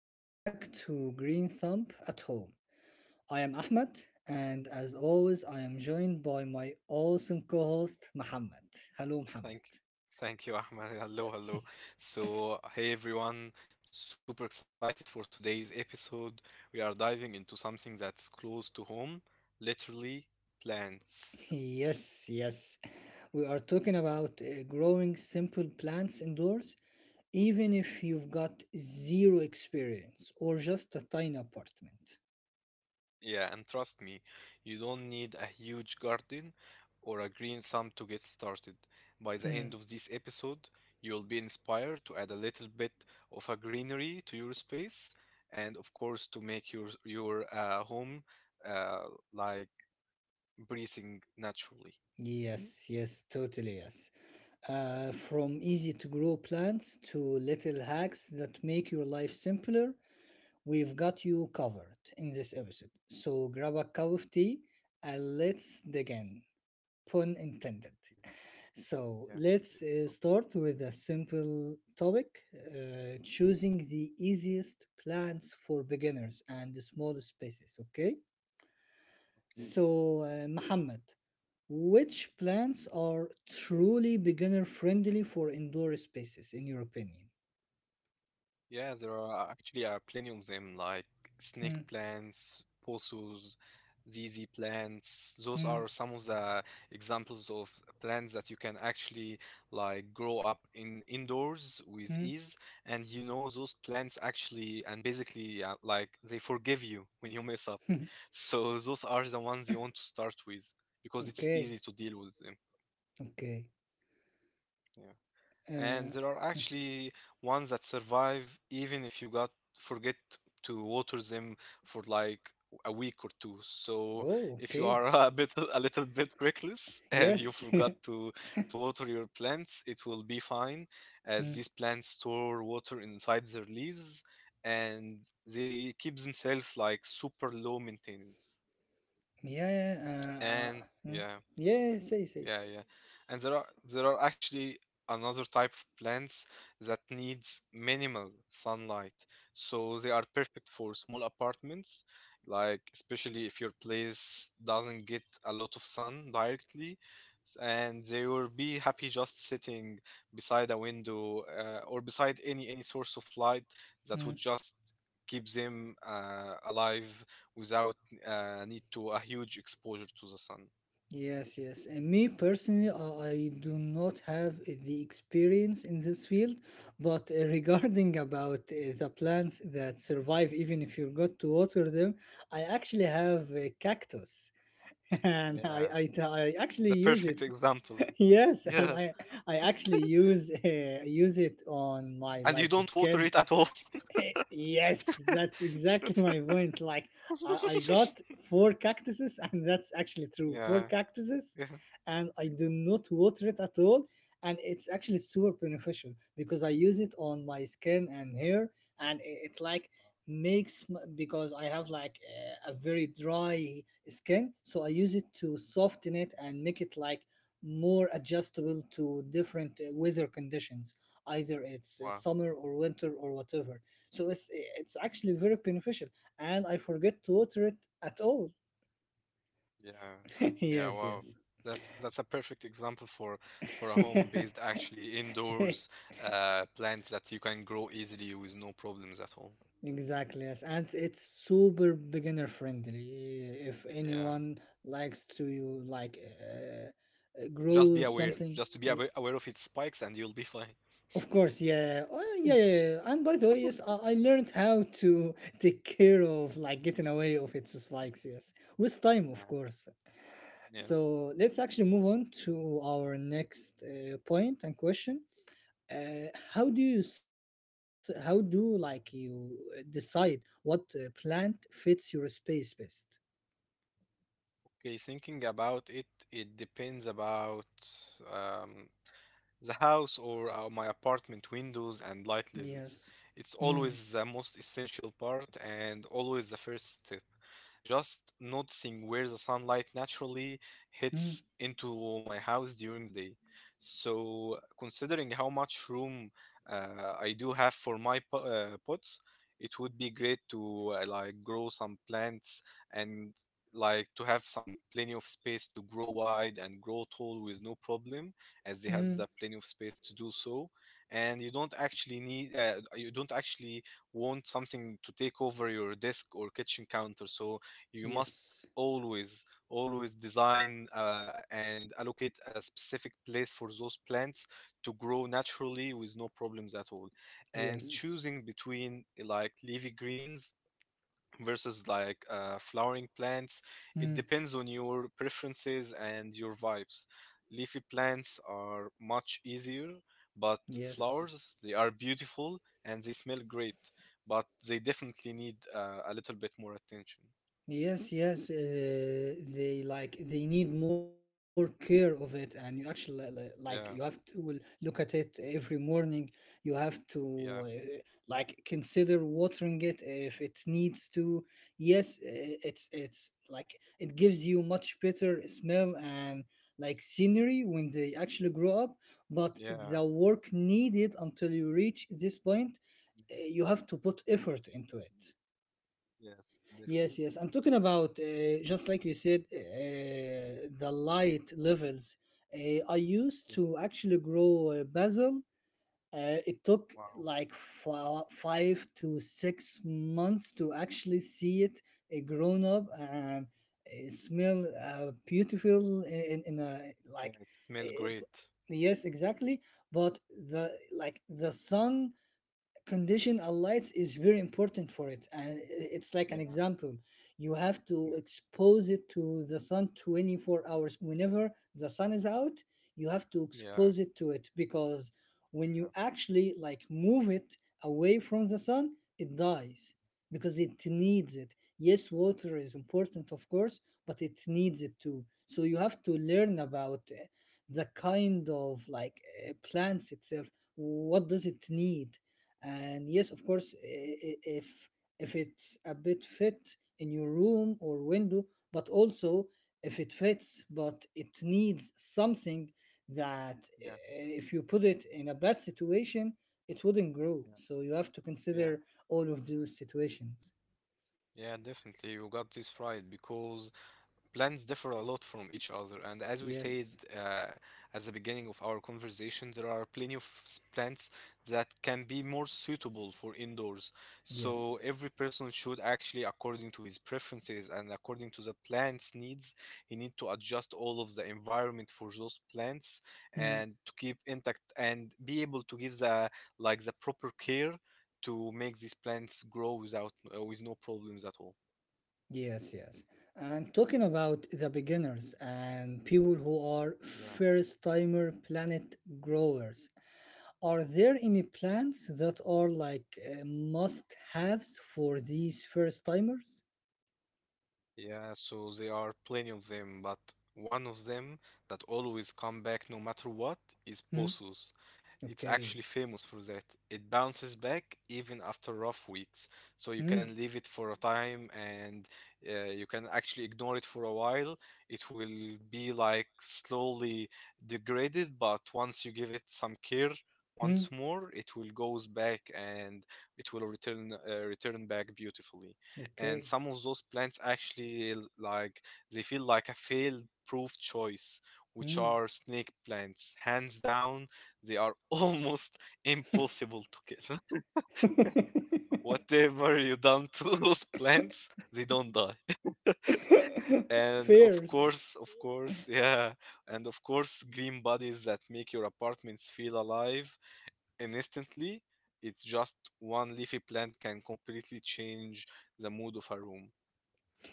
welcome back to Green Thumb at Home. I am Ahmed, and as always, I am joined by my awesome co host, Muhammad. Hello, Muhammad. Thank thank you, Ahmed. Hello, hello. So, hey everyone, super excited for today's episode. We are diving into something that's close to home, literally plants. Yes, we are talking about growing simple plants indoors, even if you've got zero experience or just a tiny apartment. Yeah, and trust me, you don't need a huge garden or a green thumb to get started. By the Hmm. end of this episode, you'll be inspired to add a little bit of a greenery to your space, and of course to make your home, uh, like, breathing naturally. Yes, totally yes. From easy to grow plants to little hacks that make your life simpler, we've got you covered in this episode, so grab a cup of tea and let's dig in. Pun intended. Like, So yeah, let's let's go. start with a simple topic, choosing the easiest plants for beginners and small spaces. Okay, Okay. so Muhammad, which plants are truly beginner friendly for indoor spaces, in your opinion? Yeah, there are actually are plenty of them, like snake Mm, plants, posos, ZZ plants. Those mm, are some of the examples of plants that you can actually like grow up in indoors with ease. And you know, those plants actually and basically, like, they forgive you when you mess up. mm. So those are the ones you want to start with because it's okay, easy to deal with them. okay. Yeah. And Uh, there are actually ones that survive even if you got forget to water them for like a week or two. So Oh, if you okay. are a little bit reckless and you Yes. forgot to water your plants, it will be fine as Mm. these plants store water inside their leaves and they keep themselves like super low maintenance. Yeah. yeah, Uh, uh, And mm. yeah. Yeah, say. Yeah, yeah. And there are actually another type of plants that needs minimal sunlight. So they are perfect for small apartments, like especially if your place doesn't get a lot of sun directly. And they will be happy just sitting beside a window, or beside any source of light that Mm. would just keep them alive without, need to a huge exposure to the sun. Yes. And me personally, I do not have the experience in this field, but regarding about the plants that survive even if you got to water them, I actually have a cactus, and I, Yeah. I, I actually The use perfect it. example. Yes, and Yeah. I actually use use it on my And you like don't water skin. it at all. Yes, that's exactly my point. I got four cactuses, and that's actually true. Four Yeah. cactuses, Yeah. and I do not water it at all. And it's actually super beneficial because I use it on my skin and hair, and it like makes because I have like a very dry skin, so I use it to soften it and make it like more adjustable to different weather conditions, either it's Wow. summer or winter or whatever. So it's actually very beneficial, and I forget to water it at all. Yeah. Yeah, yes wow. yes That's a perfect example for a home-based, actually indoors, plants that you can grow easily with no problems at all. Exactly, yes. And it's super beginner friendly if Yeah. anyone likes to like Just be grow aware. something. Just to be Yeah, aware of its spikes and you'll be fine. of course, yeah. Oh, yeah, yeah. And by the way, yes, I learned how to take care of like getting away of its spikes, yes, with time, of Yeah. course. Yeah. So let's actually move on to our next point and question. How do you s- how do like you decide what plant fits your space best? Okay, thinking about it, it depends about, um, the house, or my apartment windows and light levels. Yes. It's Mm, always the most essential part and always the first step. Just noticing where the sunlight naturally mm, hits into my house during the day. So, considering how much room I do have for my pots, it would be great to, like, grow some plants and like to have some plenty of space to grow wide and grow tall with no problem, as they have mm. the plenty of space to do so, and you don't actually want something to take over your desk or kitchen counter. So you must Yes. always design, and allocate a specific place for those plants to grow naturally with no problems at all. And Yes. choosing between like leafy greens versus, like, flowering plants, it Mm, depends on your preferences and your vibes. Leafy plants are much easier, but yes. flowers, they are beautiful and they smell great, but they definitely need, a little bit more attention. Yes, they like they need more care of it, and you actually like you have Yeah, to look at it every morning. You have to yeah, like consider watering it if it needs to. Yes, it's like it gives you much better smell and like scenery when they actually grow up, but the yeah, work needed until you reach this point, you have to put effort into it. yes, definitely. Yes. I'm talking about just like you said, the light levels. I Yeah, used to actually grow basil. It took wow. like 5 to 6 months to actually see it grown up and smell beautiful in a Yeah, it like. smelled Uh, great. yes, exactly. But the like the sun condition lights is very important for it, and it's like an Yeah, example. You have to yeah, expose it to the sun 24 hours whenever the sun is out. You have to yeah, yeah, expose it to it because when you actually like move it away from the sun it dies, because it needs it. Yes, water is important, of course, but it needs it too. So you have to learn about the kind of like plants itself, what does it need. And yes, of course, i- if if it's a bit fit in your room or window, but also if it fits but it needs something that uh, yeah, if you put it in a bad situation it wouldn't grow, yeah, so you have to yeah, consider all of those situations. yeah, definitely. You got this right, because plans differ a lot from each other, and as we said, yes uh, at the beginning of our conversation, there are plenty of plants that can be more suitable for indoors, yes so every person should, actually, according to his preferences and according to the plants needs, he need to adjust all of the environment for those plants Hmm. and to keep intact and be able to give the, like, the proper care, to make these plants grow with no problems at all. Yes. And talking about the beginners and people who are Yeah, first timer planet growers, are there any plans that are like must haves for these first timers? yeah, so there are plenty of them, but one of them that always come back no matter what is Hmm. Pothos. It's actually Okay. famous for that. It bounces back even after rough weeks. So you Hmm. can leave it for a time, and, you can actually ignore it for a while. It will be like slowly degraded, but once you give it some care Hmm. once more, it will goes back, and it will return back beautifully. And Okay. some of those plants actually, like, they feel like a fail proof choice, which Hmm. are snake plants, hands down. They are almost impossible to kill. Whatever you done to those plants, they don't die. And Fierce. Of course, yeah. And of course, green bodies that make your apartments feel alive and instantly. It's just one leafy plant can completely change the mood of a room.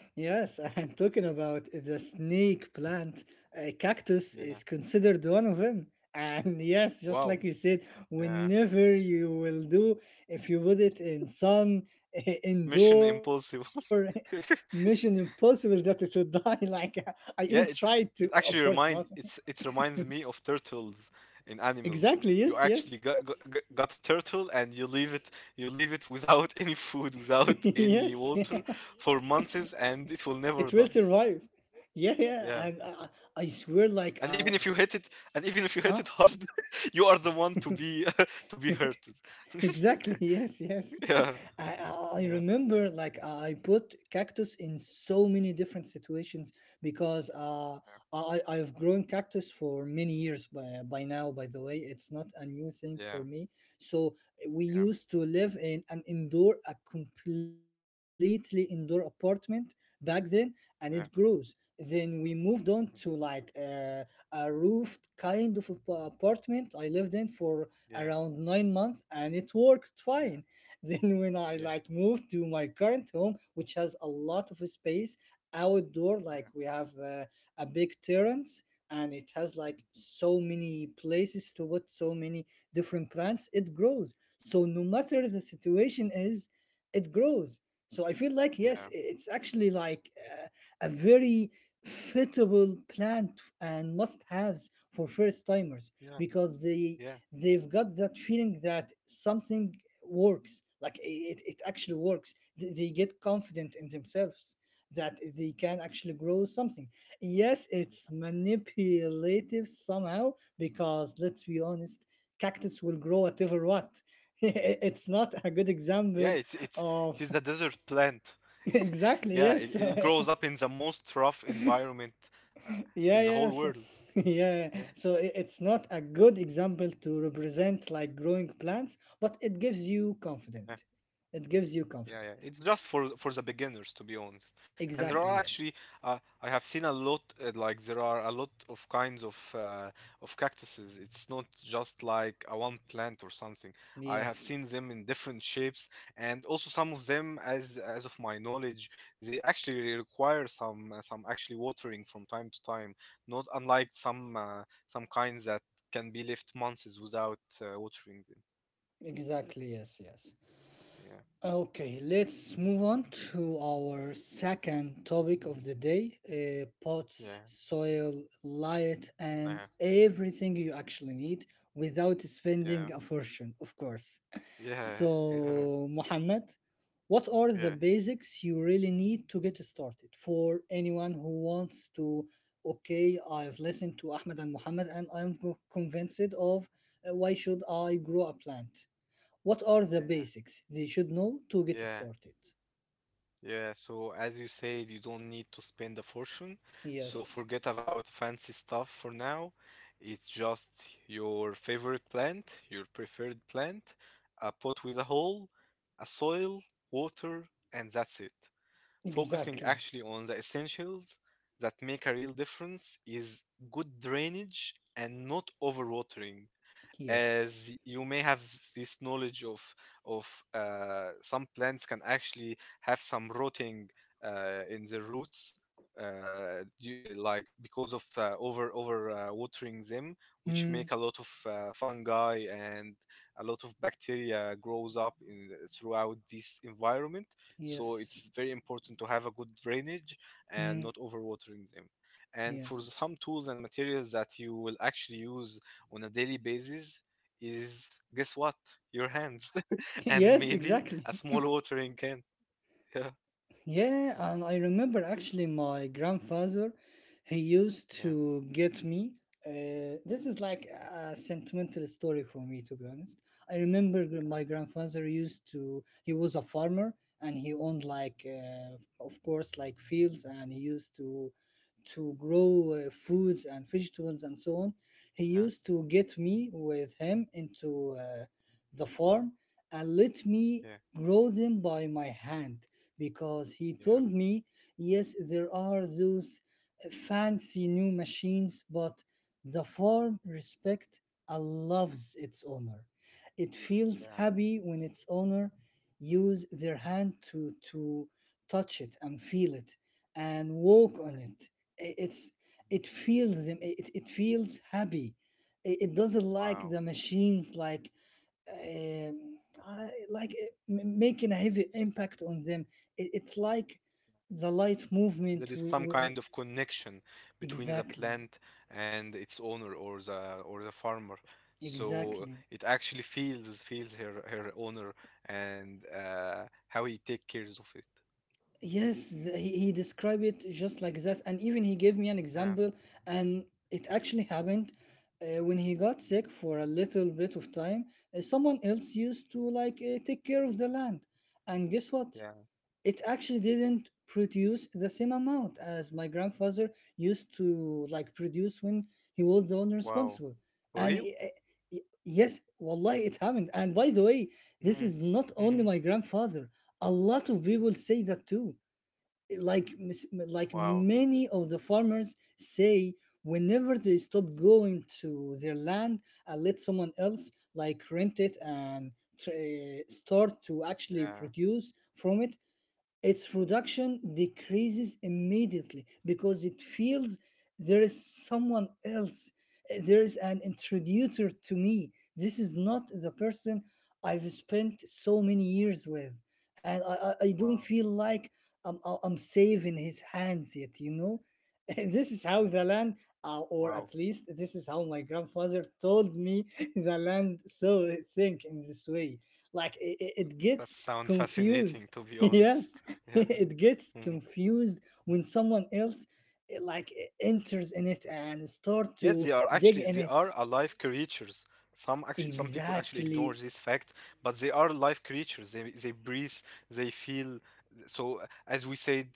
Yes, and talking about the snake plant, a cactus Yeah. is considered one of them. And yes, just Wow. like you said, Yeah. whenever you will do, if you put it in sun, Mission indoor, impossible. mission impossible that it would die. Like, I even Yeah, tried it to, it of actually course not. remind it's it reminds me of turtles in animals. Exactly. You Yes. actually Yes. got a turtle, and you leave it without any food, without any Yes. water for months, and it will never It will die. survive. Yeah. Yeah. Yeah. And I swear, like And even if you hit it and even if you hit it uh, hard, you are the one to be to be hurted. exactly. Yes. Yes. Yeah. I Yeah. remember like I put cactus in so many different situations, because I've grown cactus for many years by now. By the way, it's not a new thing Yeah. for me. So, eh, we Yeah. used to live in an indoor, a completely indoor apartment back then, and it grows. Yeah. Yeah. Then we moved on to Mhm. like a roofed kind of apartment I lived in for Yeah. around 9 months, and it worked Yeah. fine. Then when I Yeah. like moved to my current home, which has a lot of space outdoor, Yeah. like we have a big terrace, and it has Mhm. like so many places to put so many different plants, it grows. So no matter the situation is, it grows. So I feel like yes, Yeah. It's actually like a very fitable plant and must haves for first timers Yeah. because Yeah. they've got that feeling that something works, like it actually works. They get confident in themselves that they can actually grow something. Yes, it's manipulative somehow, because let's be honest, cactus will grow whatever what. It's not a good Yeah, example of it is a desert plant. exactly, Yeah, it, yes. it grows up in the most rough environment in Yeah, the whole yes. world. Yeah. Yeah. So it's not a good example to represent like growing plants, but it gives you Yeah. confident. It gives you Yeah, confident. yeah. It's just for the beginners, to be honest. And there Exactly, are yes. actually, I have seen a lot. Like, there are a lot of kinds of, of cactuses. It's not just like a one plant or something. I have Yes. seen them in different shapes, and also some of them, as of my knowledge, they actually require some actually watering from time to time. Not unlike some kinds that can be left months without, watering them. Exactly, yes. Yeah, Okay, let's move on to our second topic of the day, pots, yeah, soil, light, and yeah, everything you actually need without yeah, spending a fortune, of course. yeah. Yeah. So, Mohammed, what are the Yeah, basics you really need to get started for anyone who wants to? Okay, I've listened to Ahmed and Mohammed, and I'm convinced of why should I grow a plant? What are the yeah, basics they should know to get yeah, started? yeah. So as you said, you don't need to spend a fortune. So Yes, forget about fancy stuff for now. It's just your favorite plant, your preferred plant, a pot with a hole, a soil, water, and that's it. Focusing exactly. actually on the essentials that make a real difference is good drainage and not overwatering. Yes. As you may have, this knowledge of, some plants can actually have some rotting, in the roots, like, because of, over watering them, which Mm, make a lot of, fungi and a lot of bacteria grows up in throughout this environment. So yes. it's very important to have a good drainage and Mm, not overwatering them. And for yes. some tools and materials that you will actually use on a daily basis is, guess what? Your hands and Yes, maybe exactly. a small watering can. Yeah. Yeah, and I remember actually my grandfather, he used Yeah. to get me. This is like a sentimental story for me, to be honest. I remember my grandfather used to, he was a farmer and he owned like, of course, like fields, and he used to grow foods and vegetables and so on. He Yeah. used to get me with him into the farm and let me Yeah. grow them by my hand because he Yeah. told me, yes, there are those fancy new machines, but the farm respect loves its owner. It feels Yeah. happy when its owner use their hand to touch it and feel it and walk on Yeah. it. It's, it feels them. It feels happy. It doesn't like Wow. the machines, like um, I, like making a heavy impact on them. It's like the light movement. There is some kind of connection between the exactly, plant and its owner, or the farmer. So, exactly. it actually feels her owner, and, how he take cares of it. Yes, he described it just like that, and even he gave me an Yeah. example, and it actually happened. When he got sick for a little bit of time, someone else used to like take care of the land, and guess what? Yeah. It actually didn't produce the same amount as my grandfather used to like produce when he was the one Wow. responsible. For And real? I- yes, wallahi, it happened. And by the way, this Mm. is not only Mhm. my grandfather, a lot of people Mhm. say that too. Like like Wow. many of the farmers say, whenever they stop going to their land and let someone else like rent it and eh, start to actually Yeah. produce from it, its production decreases immediately, because it feels there is someone else. Eh, there is an introducer to me, this is not the person I've spent so many years with, and I don't Wow. feel like I'm, I'm safe in his hands yet, you know. This is how the land, or at Wow, least this is how my grandfather told me the land. So think in this way, like it gets that sounds confused. fascinating, to be honest. Yes, Yeah. it gets Mhm. confused when someone else, eh, like eh, enters in it and start Yes, to they are dig actually in they it. are alive creatures. Some people actually ignore Exactly, this fact, but they are live creatures. They breathe, they feel. So, as we said,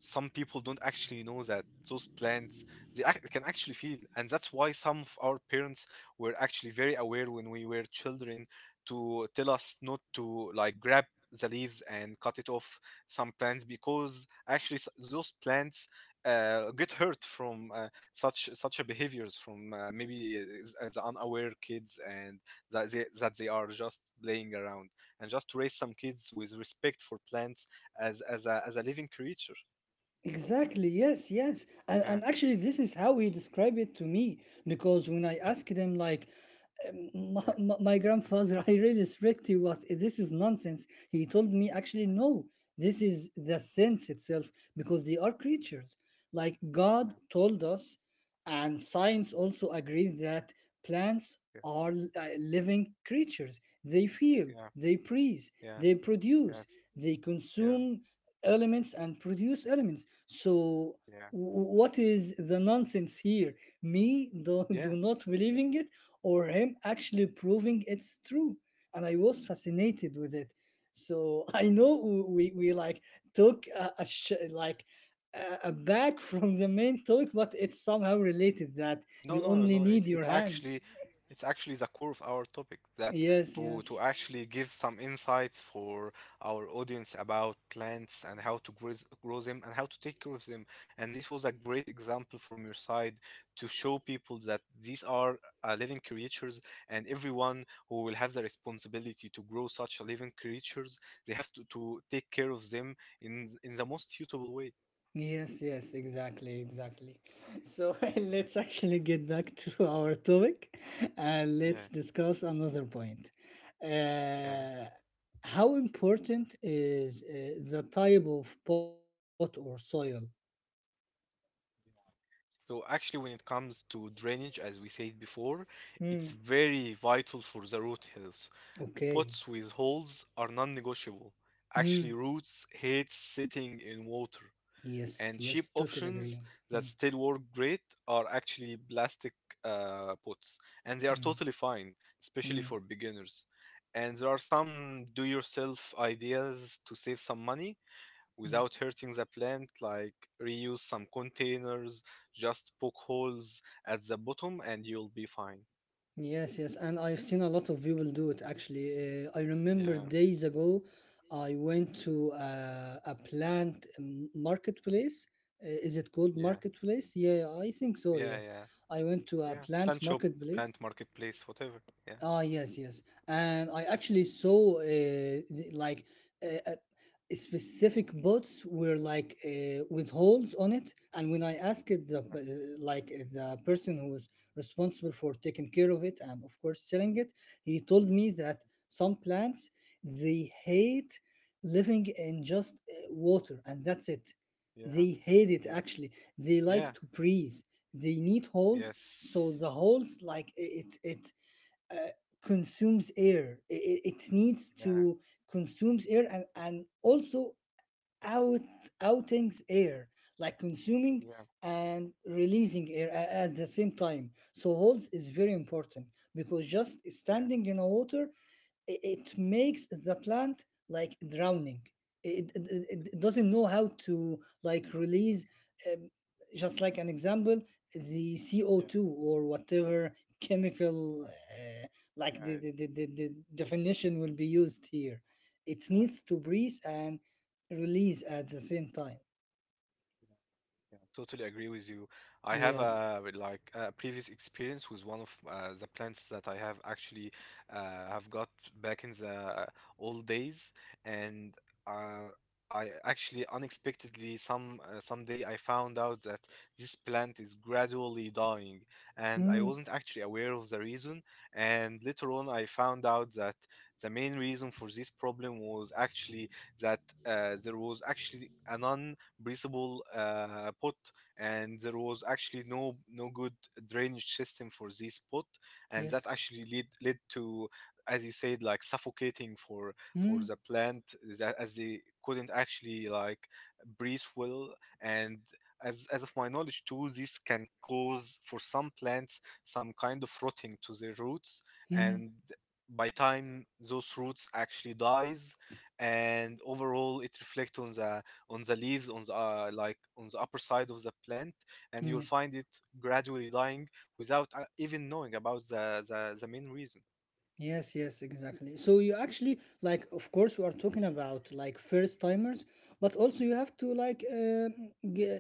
some people don't actually know that those plants can actually feel, and that's why some of our parents were actually very aware when we were children, to tell us not to like grab the leaves and cut it off some plants, because actually, those plants, get hurt from, such a behaviors from, maybe, as unaware kids, and that they are just playing around, and just to raise some kids with respect for plants as a living creature. Exactly, yes. And Yeah, actually, this is how he described it to me because when I asked him, like, yeah, my grandfather, I really respect you, but this is nonsense," he told me, actually, no, this is the sense itself, because they are creatures. Like, God told us, and science also agrees that plants are living creatures. They feel, yeah, yeah, they breathe, yeah, they yeah, produce, yeah, yeah, yes, they yeah, consume elements and produce elements. So yeah, what is the nonsense here? Me yeah. do not believing it or him actually proving it's true. And I was fascinated with it. So I know we like took like a back from the main talk, but it's somehow related that you No, no, only no. need It's your it's hands. actually it's actually the core of our topic, that, Yes, to yes. to actually give some insights for our audience about plants and how to grow them, and how to take care of them. And this was a great example from your side to show people that these are, living creatures, and everyone who will have the responsibility to grow such a living creatures, they have to take care of them in the most suitable way. Yes, yes, exactly, exactly. So Yeah. let's actually get back to our topic and Yeah. let's discuss another point. Yeah. Uh, how important is the type of pot or soil? So actually, when it comes to drainage, as we said before, it's Hmm. very vital for the root health. Okay. Pots with holes are non-negotiable. Actually, Hmm. roots hate sitting in water, Yes, and cheap yes, totally options agree. that Hmm. still work great are actually plastic, pots, and they are Hmm. totally fine, especially Hmm. for beginners. And there are some do-yourself ideas to save some money Hmm. without hurting the plant, like reuse some containers, just poke holes at the bottom and you'll be fine. Yes, yes, and I've seen a lot of people do it actually. I remember Yeah, days ago, I went to a plant marketplace. Is it called yeah, marketplace? Yeah, I think so. yeah, Yeah, yeah, I went to a yeah. plant Plant shop, marketplace. plant marketplace, whatever. Yeah, Ah, yes, yes. And I actually saw like uh, uh, specific boats were like with holes on it. And when I asked it the like the person who was responsible for taking care of it and of course selling it, he told me that some plants they hate living in just water and that's it. yeah, They hate it yeah, actually. They like yeah, to breathe. They need holes, so the yes, holes like it uh, consumes air it needs yeah, to consumes air and also out outings air like consuming yeah, and releasing air at the same time so holds is yeah, very important because just yeah, yeah, standing in a water it makes the plant like drowning, it doesn't know how to like release um, just like an example the yeah, CO2 or whatever chemical yeah, yeah, like the, yeah, the, the, the the definition will be used here it yeah, needs to breathe and release at the same time. yeah. Yeah, totally agree with you. I have Yes. a previous experience with one of the plants that I have actually have got back in the old days, and uh, I actually unexpectedly someday I found out that this plant is gradually dying, and I Mm, wasn't actually aware of the reason. And later on, I found out that the main reason for this problem was actually that there was actually an breathable pot, and there was actually no good drainage system for this pot, and that yes. actually lead led to as you said like suffocating for Mm, the plant that as they couldn't actually like breathe well and as of my knowledge too, this can cause for some plants some kind of rotting to their roots, mm, and by time those roots actually dies, and overall it reflects on the leaves on the like on the upper side of the plant and you'll mm. find it gradually dying without even knowing about the, the main reason, Yes, yes, exactly. So you actually like of course we are talking about like first timers, but also you have to like g-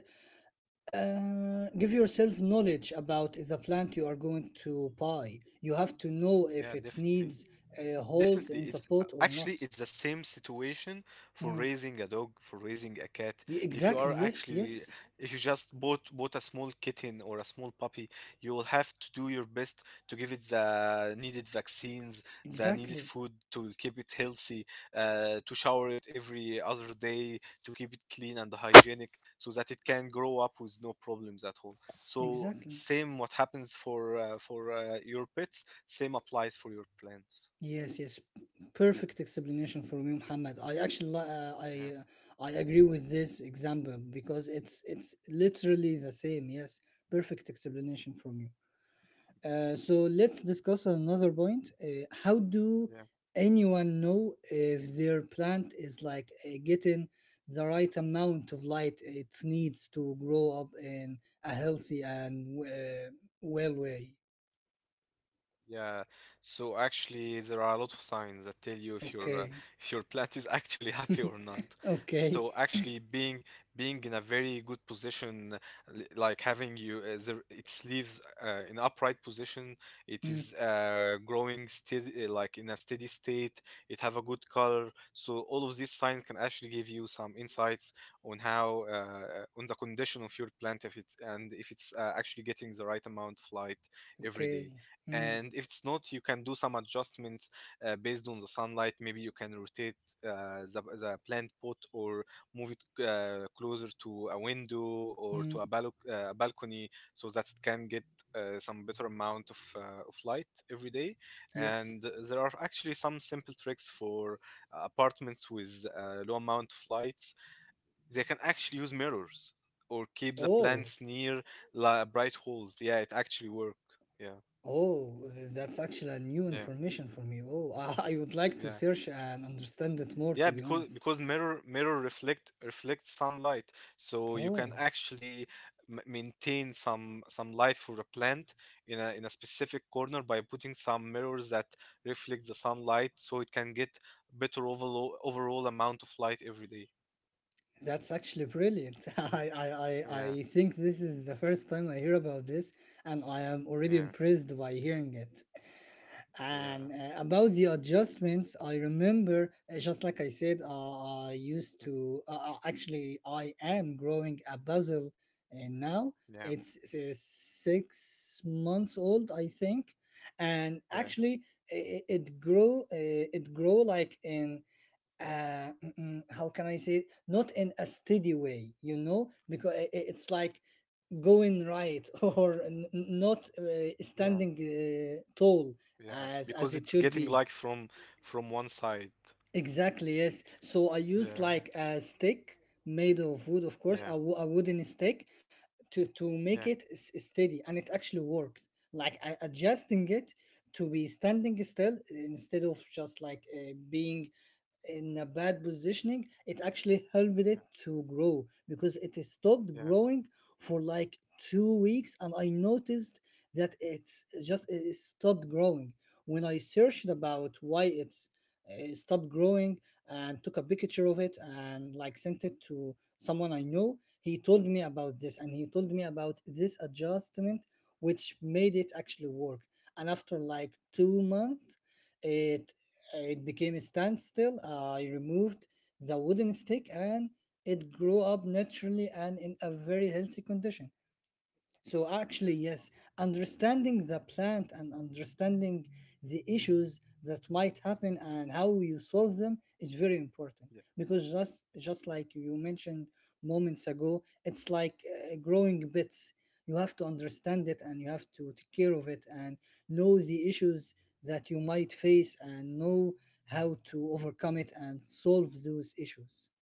give yourself knowledge about the plant you are going to buy. You have to know if yeah, it definitely. needs holes Definitely, in the it's pot or actually not. it's the same situation for Mm. raising a dog, for raising a cat. If you Exactly. are Yes, actually, yes. if you just bought a small kitten or a small puppy, you will have to do your best to give it the needed vaccines, the needed Exactly. food to keep it healthy, to shower it every other day, to keep it clean and hygienic, so that it can grow up with no problems at all. So Exactly. same what happens for your pets, same applies for your plants. Yes, yes, perfect explanation from you, Muhammad. I actually li- uh, I Yeah. uh, I agree with this example because it's literally the same. Yes, perfect explanation from you. So let's discuss another point. How do Yeah, anyone know if their plant is like getting the right amount of light it needs to grow up in a healthy and well way? yeah. So actually, there are a lot of signs that tell you if your Okay, if your plant is actually happy or not. okay. So actually, being in a very good position, like having you the, its leaves in upright position, it Hmm. is growing steady, like in a steady state. It have a good color. So all of these signs can actually give you some insights on how on the condition of your plant if it's and if it's actually getting the right amount of light every Okay. day. Mm, And if it's not, you can do some adjustments based on the sunlight. Maybe you can rotate the plant pot or move it closer to a window or mm, to a balcony so that it can get some better amount of light every day. yes. And there are actually some simple tricks for apartments with low amount of lights. They can actually use mirrors or keep the Oh, plants near bright holes. Yeah, it actually work, yeah, oh, that's actually a new yeah, information from you. Oh, I would like to yeah. search and understand it more, to Yeah, be because honest. because mirror reflect sunlight, so you can Oh, actually maintain some light for a plant in a specific corner by putting some mirrors that reflect the sunlight, so it can get better overall amount of light every day. that's actually brilliant. I, I, I, Yeah, I think this is the first time I hear about this, and I am already yeah, impressed by hearing it. yeah, And about the adjustments, I remember, just like I said, I used mhm, to, actually, I am growing a basil now. yeah, It's, 6 months old, I think. And yeah, actually, it, it grow, uh, it grow like in, uh, how can I say it? Not in a steady way, because it's like going right or not yeah, standing tall yeah. as Because it it's should getting be. light from one side. Exactly, yes. So I used Yeah, like a stick made of wood, of course, yeah, a wooden stick to yeah, make it steady, and it actually worked. Like I adjusting it to be standing still instead of just like being in a yeah, bad positioning, it actually helped yeah, yeah, it to grow because it stopped yeah, growing for like 2 weeks, and I noticed that it's just it stopped growing. When I searched about why it's stopped growing and took a picture of it and like sent it to someone I know. He told me about yeah. this and he told me about this adjustment which made it actually work. And after like 2 months, it it became a standstill. I removed the wooden stick and it grew up naturally and in a very healthy condition. So actually, Wow. yes, understanding Mm. the plant and understanding the issues that might happen and how you solve them is very important Yeah. because just Yeah. just like you mentioned moments ago, it's like growing bits. You have to Yeah. understand it and you have to take care of it and know the issues that you might face and know how to overcome it and solve those issues.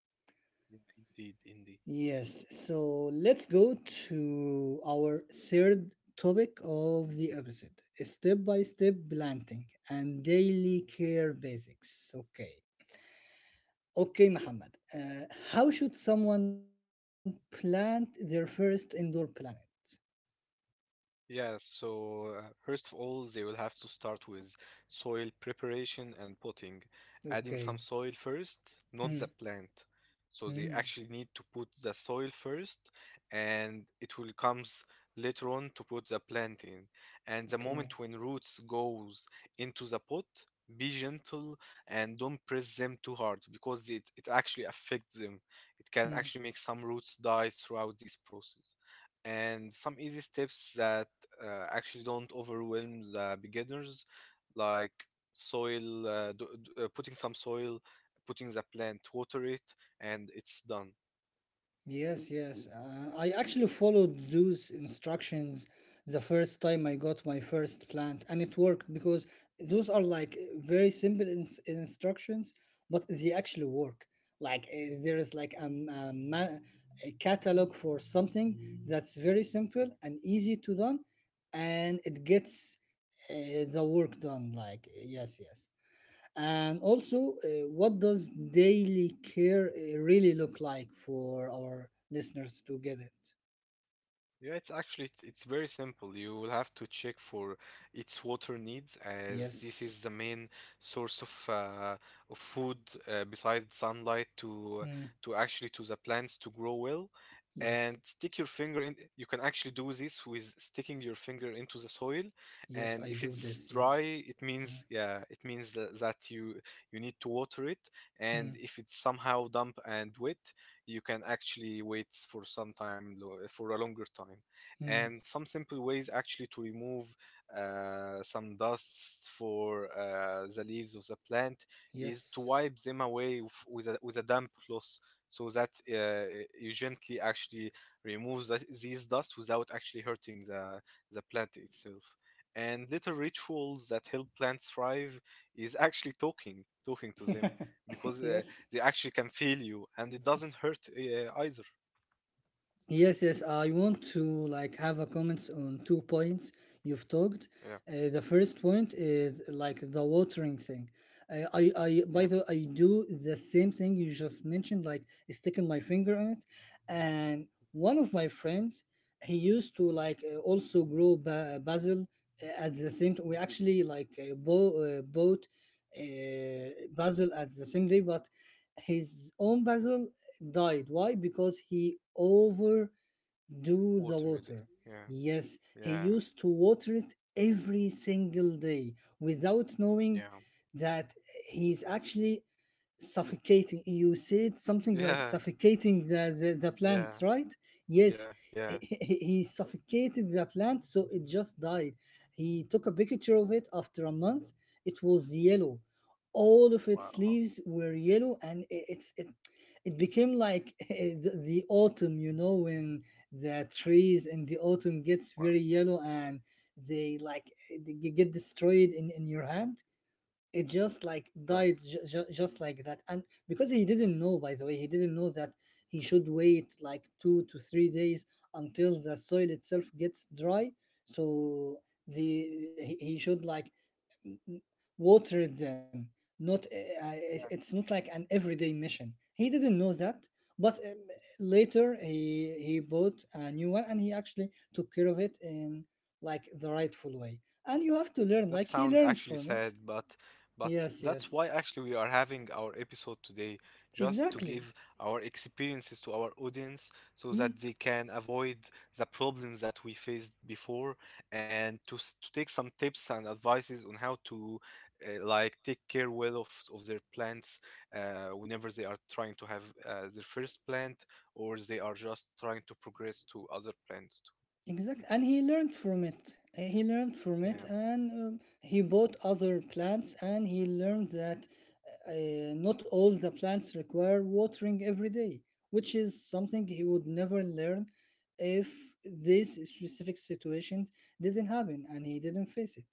Yeah, indeed, indeed. Yes, so let's go to our third topic of the episode, step by step planting and daily care basics. Okay. Okay, Muhammad. How should someone plant their first indoor plant? Yeah, so first of all, they will have to start with soil preparation and potting, adding Okay. some soil first, not Hmm. the plant. So they Hmm. actually need to put the soil first, and it will comes later on to put the plant in. And the Okay. moment when roots goes into the pot, be gentle and don't press them too hard, because it actually affects them. It can Hmm. actually make some roots die throughout this process, and some easy steps that actually don't overwhelm the beginners, like soil putting some soil, putting the plant, water it, and it's done. Yes, yes. I actually followed those instructions the first time I got my first plant, and it worked because those are like very simple instructions, but they actually work. Like there is like a catalog for something that's very simple Mhm. Yeah. and easy to done, and it gets the work done. Like yes, yes. And also, what does daily care really look like for our listeners to get it? Yeah, it's actually it's very simple. You will have to check for its water needs, as this Yes. is the main source of food besides sunlight Mm, to actually to the plants to grow well. yes. And stick your finger in. You can actually do this with sticking your finger into the soil. Yes, And I if do it's this. dry, Yes. it means, yeah, it means that you you need to water it. Mm, mm, And if it's somehow damp and wet, you can actually wait for some time for a longer time. mm, And some simple ways actually to remove some dusts for the leaves of the plant is to yes. wipe them away with a damp cloth, so that you gently actually remove the, these dust without actually hurting the plant itself. And little rituals that help plants thrive is actually talking to them, because Yes. they actually can feel you, and it doesn't hurt either. Yes, yes. I want to like have a comments on two points you've talked. Yeah, The first point is like the watering thing. By the yeah, way, I do the same thing you just mentioned, like sticking my finger on it. And one of my friends, he used to like also grow basil at the same. We yeah. actually like bought basil at the same day, but his own basil died. Why? Because he over do the Water really. water. Yeah, Yes, he yeah, used to water it every single day without knowing yeah, that he's actually suffocating. You said something like yeah, suffocating the plant, yeah, right? Yes, yeah, he, yeah. he he suffocated the plant so it just died. He took a picture of it after a month. It was yellow. All of its leaves Wow. were yellow and it became like the autumn, when the Yeah. trees in the autumn gets very Wow. yellow and they like they get destroyed in your hand. It just like died That. Just like that, and because he didn't know, by the way he didn't know that he should wait like 2 to 3 days until the soil itself gets dry, so the he should like n- watered them, not Yeah. Yeah. it's not like an everyday mission, he didn't know that, but later he bought a new one and he actually took care of it in like the Yeah. rightful way, and you have to learn, Yeah, like that he sounds learned from actually it. sad, but Yes, that's yes, why actually we are having our episode today, just to exactly. give our experiences to our audience so Hmm. that they can avoid the problems that we faced before, and to, to take some tips and advices on how to like take care well of their plants whenever they are trying to have their first plant, or they are just trying to progress to other plants too. Exactly, and he learned from it. He learned from it, Yeah. and he bought other plants, and he learned that not all the plants require watering every day, which is something he would never learn if these specific situations didn't happen and he didn't face it.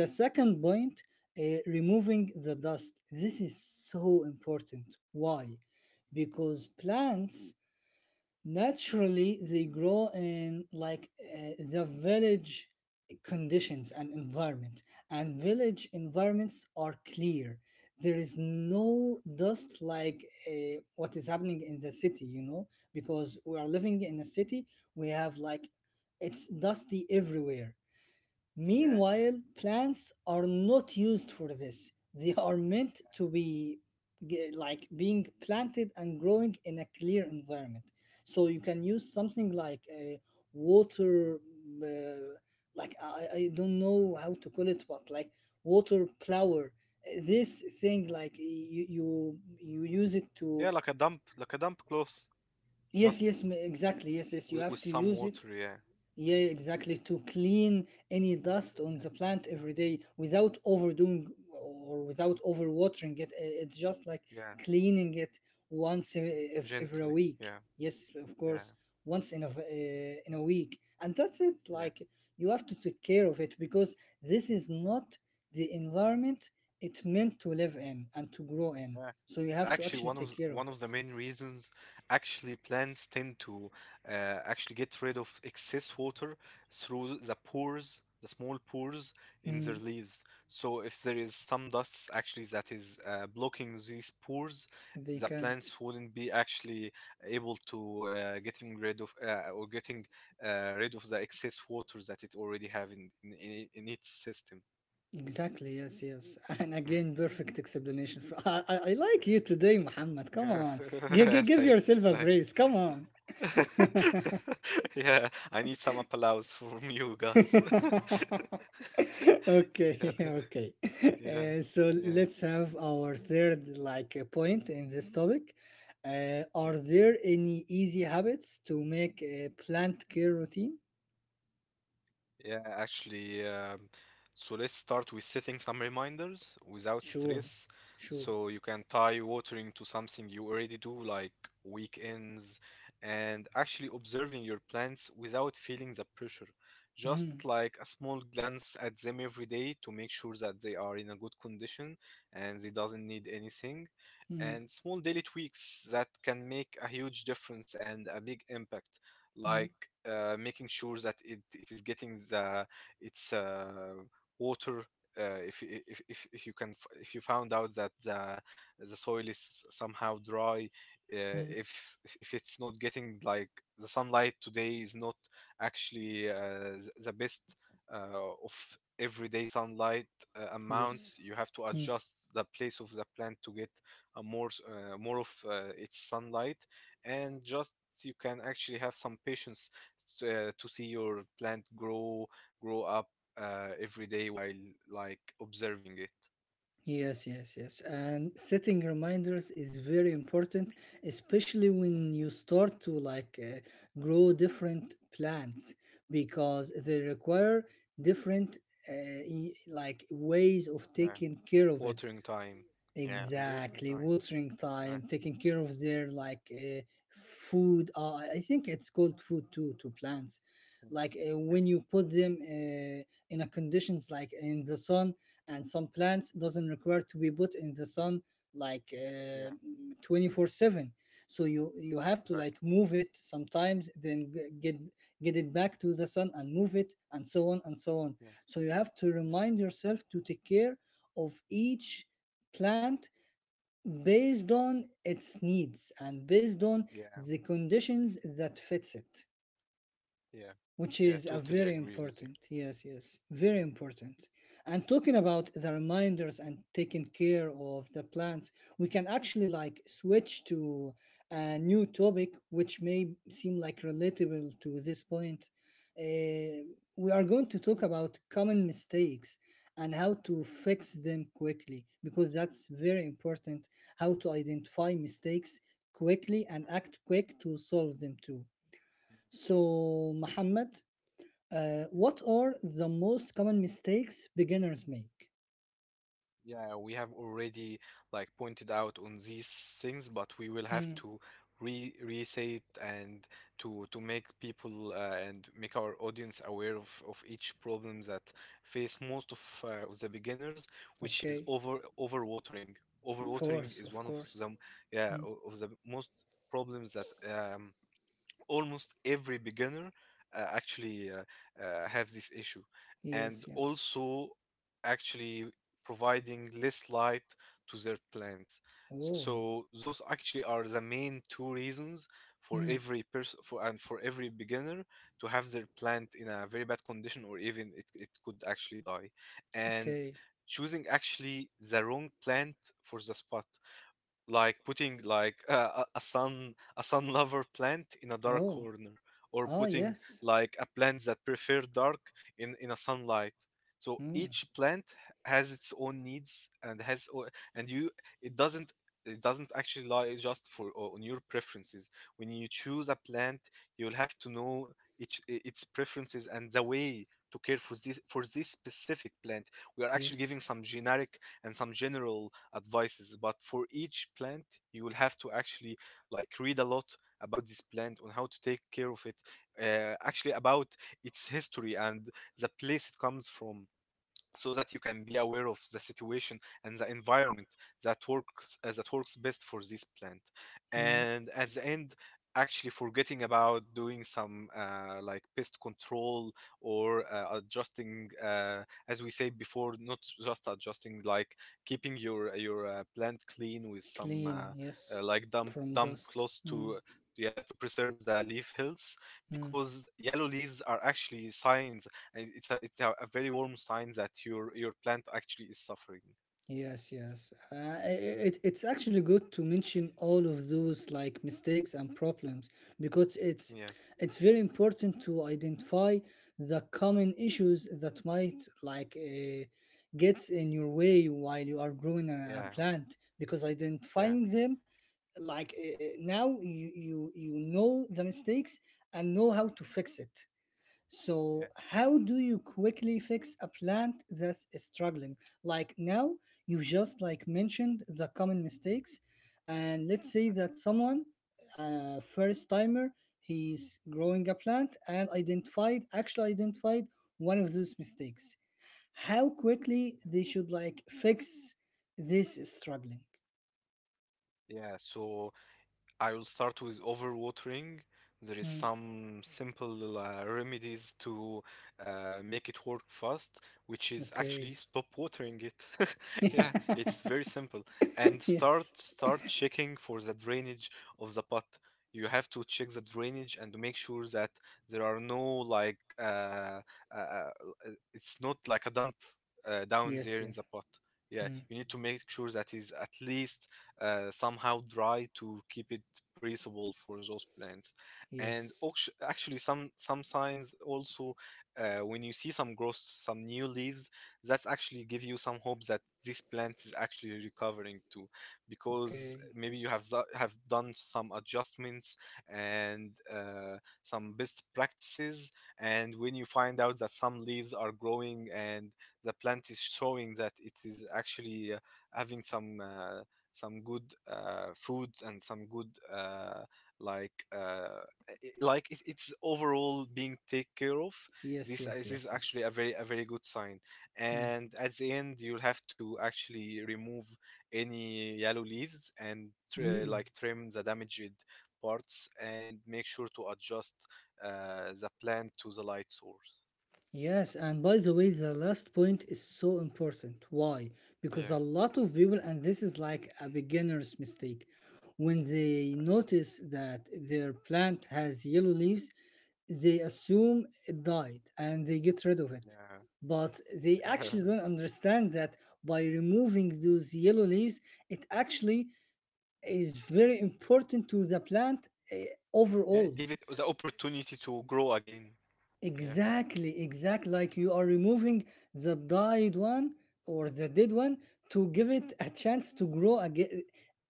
The second point, removing the dust. This is so important. Why? Because plants naturally they grow in like the village conditions and environment, and village environments are clear, there is no dust like what is happening in the city, because we are living in a city, we have like it's dusty everywhere. Yeah. Meanwhile, plants are not used for this. They are meant to be like being planted and growing in a clear environment. So you can use something like a water, uh, like I don't know how to call it, but like water plower? This thing, Yeah. like you use it to. Yeah, like a dump cloth. Yes, yes, Just exactly, yes, yes, you have to with some use it. water, yeah. Yeah, exactly. To clean any dust on the plant every day without overdoing or without overwatering it. It's just like Yeah. cleaning it once every Gently. week. Yeah. Yes, of course, Yeah. once in a week, and that's it. Yeah. Like you have to take care of it because this is not the environment it meant to live in and to grow in. Yeah, So you and have to actually, actually one take of care of one of it. the main reasons actually plants tend to actually get rid of excess water through the pores, the small pores in their Mm, leaves. So if there is some dust actually that is blocking these pores, they the can't. plants wouldn't be actually able to getting rid of or getting rid of the excess water that it already have in its system. Exactly, yes, yes. And Mm, again, perfect explanation. For, I like yeah. you today, Muhammad. Come on. Give Thank, yourself a thank. praise. Come on. Yeah, I need some applause from you guys. Yeah, Okay, okay. So yeah, let's have our third like point in this topic. Yeah. Are there any easy habits to make a plant care routine? Yeah, actually, so let's start with setting some reminders without Sure, stress. sure. So you can tie watering to something you already do, like weekends, and actually observing your plants without feeling the pressure. Just Mm, like a small glance at them every day to make sure that they are in a good condition and they doesn't need anything. mm, And small daily tweaks that can make a huge difference and a big impact, mm, like making sure that it is getting the its water. If, if you can if you found out that the soil is somehow dry, mm. uh, if if it's not getting like the sunlight today is not actually the best of everyday sunlight Yes. amount, you have to Hmm. adjust the place of the plant to get a more more of its sunlight, and just you can actually have some patience to see your plant grow up every day while like observing it. Yes, yes, yes. And setting reminders is very important, especially Yeah, when you start to grow different plants because they require different uh, like ways of yeah, taking care of it. watering time, yeah, and watering Exactly, time, watering yeah, time, taking care of their food. I think it's called food too to plants. Yeah, When you put them in a conditions like in the sun, and some plants doesn't require to be put in the sun like yeah, yeah, uh, 24/7, so you have to like exactly. move it sometimes then get it back to the sun and move it and so on and so on, Yeah, so you have to yeah, remind yourself to take care of each plant based on its needs and based on yeah, the conditions that fits it, yeah, which yeah, is a totally very agree with you. important. Yes, yes, Yeah, very yeah, important. And talking about the reminders and taking care of the plants, we can actually like switch to a new topic which may seem like relatable to this point. Uh, we are going to talk about common mistakes and how to yeah, fix them quickly, because that's very important, how to identify mistakes quickly and yeah, act quick to solve them too. yeah, So, Mohammed, yeah. what are the most common mistakes beginners make? Yeah, we have already like pointed out on these things, but we will have Hmm. to re re-say it and to make people and make our audience aware of each problem that face most of the beginners, which is Okay. Overwatering. Of Overwatering is course. one of Of them, course. yeah, o- Hmm. of the most problems that almost every beginner actually have this issue. And Yes, yes. also actually providing less light to their plants, Oh. so those actually are the main two reasons for Hmm. every person for every beginner to have their plant in a very bad condition, or even it could actually die. And Okay. choosing actually the wrong plant for the spot, like putting like a sun lover plant in a dark Oh, corner, or ah, putting yes. like a plant that prefer dark in a sunlight. So Mm, each plant has its own needs and has o- and you it doesn't it doesn't actually lie just for on your preferences. When you choose a plant, you'll have to know each its preferences and the way to care for this specific plant. We are actually giving yes. some generic and some general advices, but for each plant you will have to actually like read a lot about this plant on how to take care of it, actually about its history and the place it comes from, so that you can be aware of the situation and the environment that works best for this plant. Hmm. And at the end, actually forgetting about doing some like pest control or adjusting, as we said before, not just adjusting like keeping your plant clean with some Clean, yes. like damp From damp dust. close Hmm. to, yeah, to preserve the leaf health, Hmm. because yellow leaves are actually signs. And it's a very warm sign that your plant actually is suffering. Yes, yes. It, it's actually good to mention all of those like mistakes and problems because it's Yeah, it's very important to identify the common issues that might gets in your way while you are growing a yeah, plant, because yeah, yeah, identifying them, now you, you know the mistakes and know how to fix it. yeah. So, how do you quickly fix a plant that's struggling? Like now, you just like mentioned the common mistakes, and let's say that someone, first timer, he's growing a plant and identified, actually identified one of those mistakes. How quickly they should like fix this struggling? Yeah. Yeah, so I will start with overwatering. There is Mm, some simple remedies to make it work fast, which is actually okay. stop watering it. Yeah, it's very simple. And start Yes. start checking for the drainage of the pot. You have to check the drainage and make sure that there are no like uh, uh, it's not like a dump down Yes. there in Yes. the pot. Yeah, Mm, you need to make sure that is at least somehow dry to keep it breathable for those plants. And yes. Actually, some signs also, when you see some growth, some new leaves, that's actually give you some hope that this plant is actually recovering too, because Okay. maybe you have have done some adjustments and some best practices. And when you find out that some leaves are growing and the plant is showing that it is actually having some good foods and some good like uh, like it's overall being taken care of, Yes, this is- yes, this is yes, yes. actually a very good sign. Mm. And at the end, you'll have to actually remove any yellow leaves and Mm. like trim the damaged parts and make sure to adjust the plant to the light source. Yes, and by the way, the last point is so important. Why? Because a Yeah, lot of people, and this is like a beginner's mistake, when they notice that their plant has yellow leaves, they assume it died and they get rid of it. yeah, But they actually yeah. don't understand that by removing those yellow leaves, it actually is very important to the plant, eh, Yeah, overall. give it the opportunity to grow again. Yeah, Exactly, exactly. Like you are removing the died one or the dead one to give it a chance to grow again.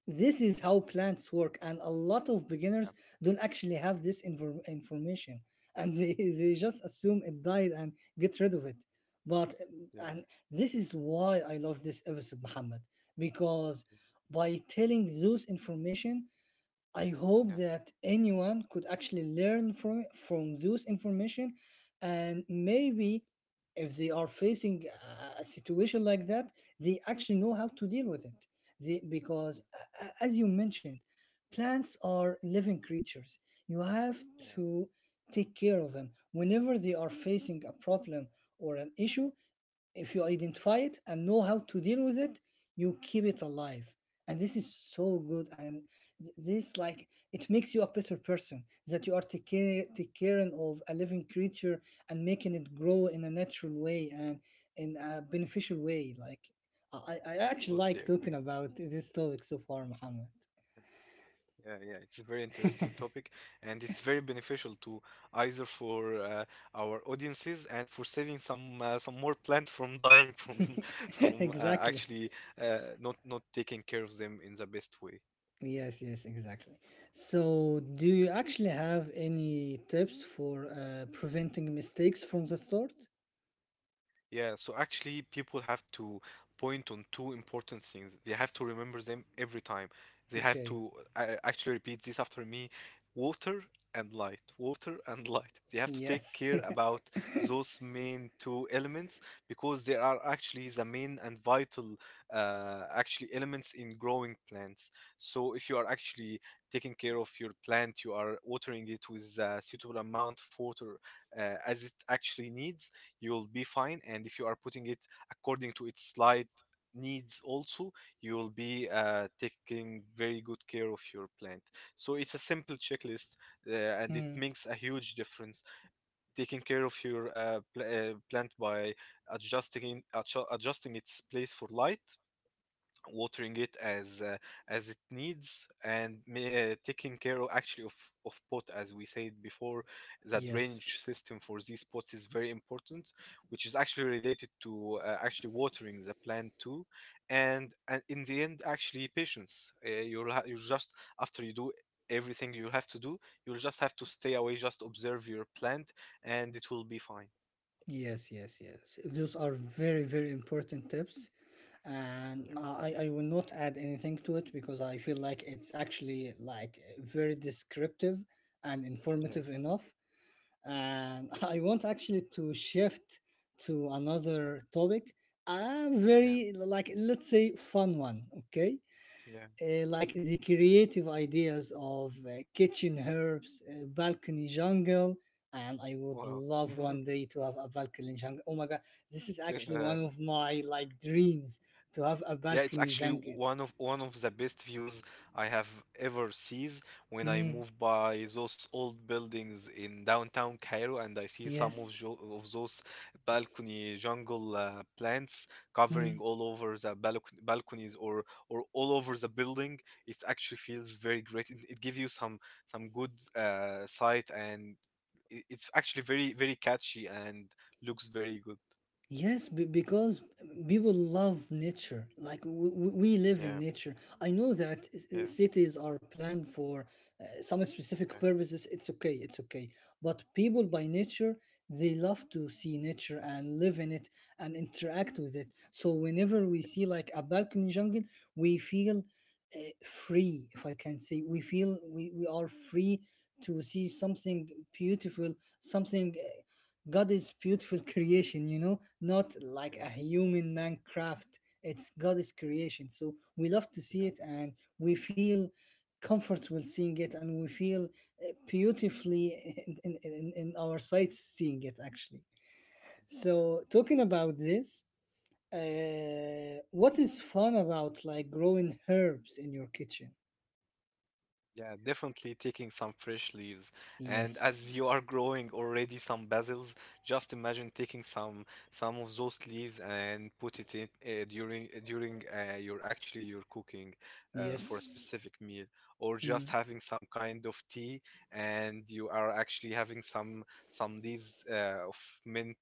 This is how plants work, and a lot of yeah, beginners don't actually have this information, and they, they just assume it died and get rid of it. But yeah, and this is why I love this episode, Muhammad, because by telling those information, I yeah, hope yeah. that anyone could actually learn from those information, and maybe if they are facing a situation like that, they actually know how to deal with it. They, because as you mentioned, plants are living creatures. You have Yeah. to take care of them. Whenever they are facing a problem or an issue, if you identify it and know how to deal with it, you keep it alive, and this is so good. And this like it makes you a better person, that you are taking take caring of a living creature and making it grow in a natural way and in a beneficial way. Like I actually like Totally agree. talking about this topic so far, Muhammad. Yeah, yeah, it's a very interesting topic and it's very beneficial to, either for our audiences and for saving some more plants from dying from from Exactly. actually not taking care of them in the best way. Yes, yes, exactly. So, do you actually have any tips for preventing mistakes from the start? Yeah, so actually, people have to point on two important things. They have to remember them every time. They have Okay. to actually repeat this after me: water and light, water and light. They have to take Yes. care about those main two elements, because they are actually the main and vital, actually elements in growing plants. So if you are actually taking care of your plant, you are watering it with a suitable amount of water, as it actually needs, you'll be fine. And if you are putting it according to its light needs also, you'll be taking very good care of your plant. So it's a simple checklist, uh, and it Hmm. makes a huge difference taking care of your plant by adjusting its place for light, watering it as it needs, and taking care of actually of pot, as we said before, the Yes. drainage system for these pots is very important, which is actually related to actually watering the plant too. And in the end, actually patience, you'll you just, after you do everything you have to do, you'll just have to stay away, just observe your plant, and it will be fine. Yes, yes, yes. Those are very, very important tips. And Yeah, I will not add anything to it because I feel like it's actually like very descriptive and informative yeah, enough. And I want actually to shift to another topic, a yeah, very like let's say fun one, okay? yeah. Like the creative ideas of kitchen herbs, balcony jungle, and I would Wow. love one day to have a balcony jungle. Oh my god, this is actually one of my like dreams to have a Yeah, balcony it's actually jungle. One of the best views I have ever sees, when I Mm, move by those old buildings in downtown Cairo and I see some of yes. jo of those balcony jungle plants covering Mm. all over the balcony balconies or all over the building. It actually feels very great. It gives you some good sight, and it's actually very very catchy and looks very good. Yes, because people love nature. Like we live Yeah, in nature. I know that yeah, cities are planned for some specific yeah, purposes. It's okay, it's okay. But people by nature, they love to see nature and live in it and interact with it. So whenever we yeah, see like a balcony jungle, we feel uh, free, if I can say. We feel we are free to see something beautiful, something. God is beautiful creation, you know, not like a human man craft. It's God's creation. So we love to see yeah. it and we feel comfortable seeing it and we feel beautifully in our sights seeing it actually. So talking about this, what is fun about like growing herbs in your kitchen? Yeah, definitely taking some fresh leaves. And as Yes, you are growing already some basils, just imagine taking some of those leaves and put it in during your actually your cooking for a yes, specific meal, or just mm, having some kind of tea, and you are actually having some leaves of mint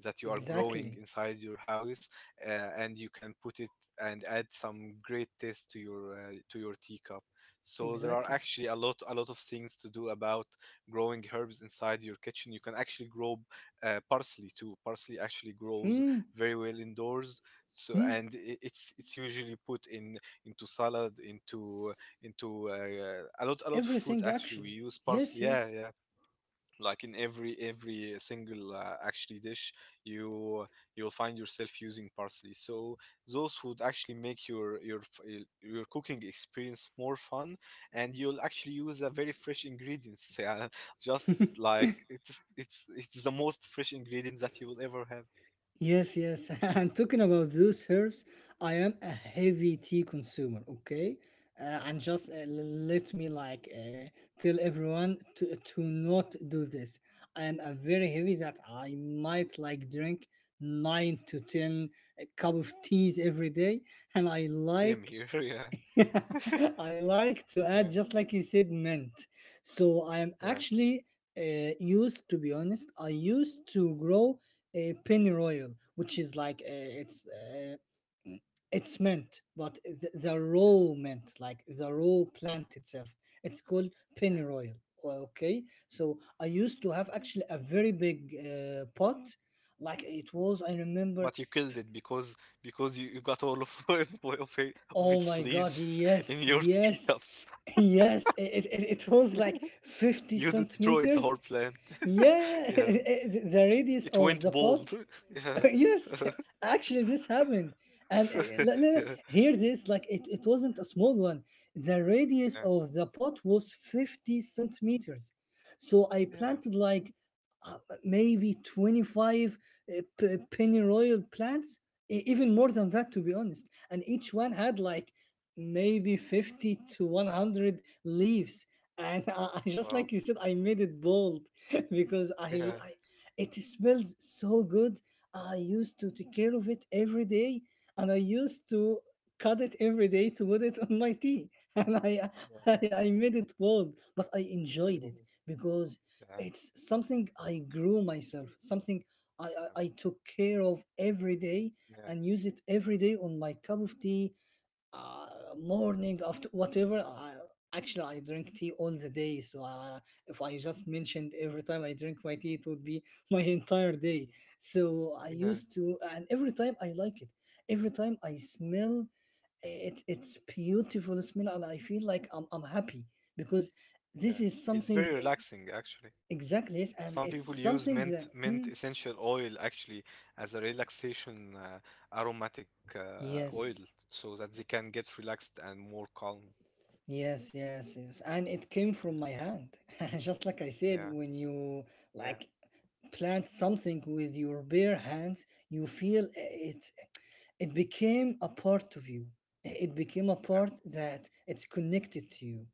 that you are growing exactly, inside your house, uh, and you can put it and add some great taste to your tea cup. So there are exactly. actually a lot of things to do about growing herbs inside your kitchen. You can actually grow parsley too. Parsley actually grows Mm, very well indoors. So, mm. and it's usually put in into salad, into a lot of food. Everything Actually we actually. use Yes, parsley, yes. yeah, yeah, like in every single actually dish, you you'll find yourself using parsley. So those would actually make your cooking experience more fun, and you'll actually use a very fresh ingredients, yeah, just like it's the most fresh ingredients that you will ever have. Yes, yes. And talking about those herbs, I am a heavy tea consumer, okay? And just let me tell everyone to not do this. I am a very heavy that I might like drink 9 to 10 cup of teas every day, and I Same like here. Yeah, I like to add, yeah, just like you said, mint. So I am yeah, actually used, to be honest, I used to grow a pennyroyal, which is it's mint, but the yeah, raw mint, like the raw plant itself, it's called yeah. pennyroyal. Okay, so I used to have actually a very big pot. Like it was, I remember. But you killed it because you, you got all of, of Oh its my God! leaves in Yes, your yes. teacups. Yes, it was like 50 You destroyed the centimeters. whole plant. Yeah, Yeah. the radius It of went the bald. pot. Yeah. Yes, actually, this happened. And Yeah. hear this, like it wasn't a small one. The radius Yeah. of the pot was 50 centimeters. So I Yeah. planted like uh, maybe 25 pennyroyal plants, even more than that, to be honest. And each one had like maybe 50 to 100 leaves. And I, just like you Wow. said, I made it bold because I, Yeah. I it smells so good. I used to take care of it every day, and I used to cut it every day to put it on my tea. And Yeah. I made it bold, but I enjoyed it Yeah. because Yeah. it's something I grew myself, something I, I took care of every day and Yeah. use it every day on my cup of tea, uh, morning after whatever I, actually I drink tea all the day, so I, if I just mentioned every time I drink my tea, it would be my entire day. So I Yeah. used to, and every time I like it, every time I smell it, it's beautiful smell and I feel like I'm happy because this Yeah. is It's something very relaxing actually. exactly. Yes, and Some people it's use something that mint hmm, essential oil actually as a relaxation, aromatic oil, yes. so that they can get relaxed and more calm. Yes, yes, yes. And it came Yeah. from my hand. Just like I said, Yeah. when you Yeah. like plant something with your bare hands, you feel eh, it became a part of you. Eh, it became a Yeah. part that it's connected to you.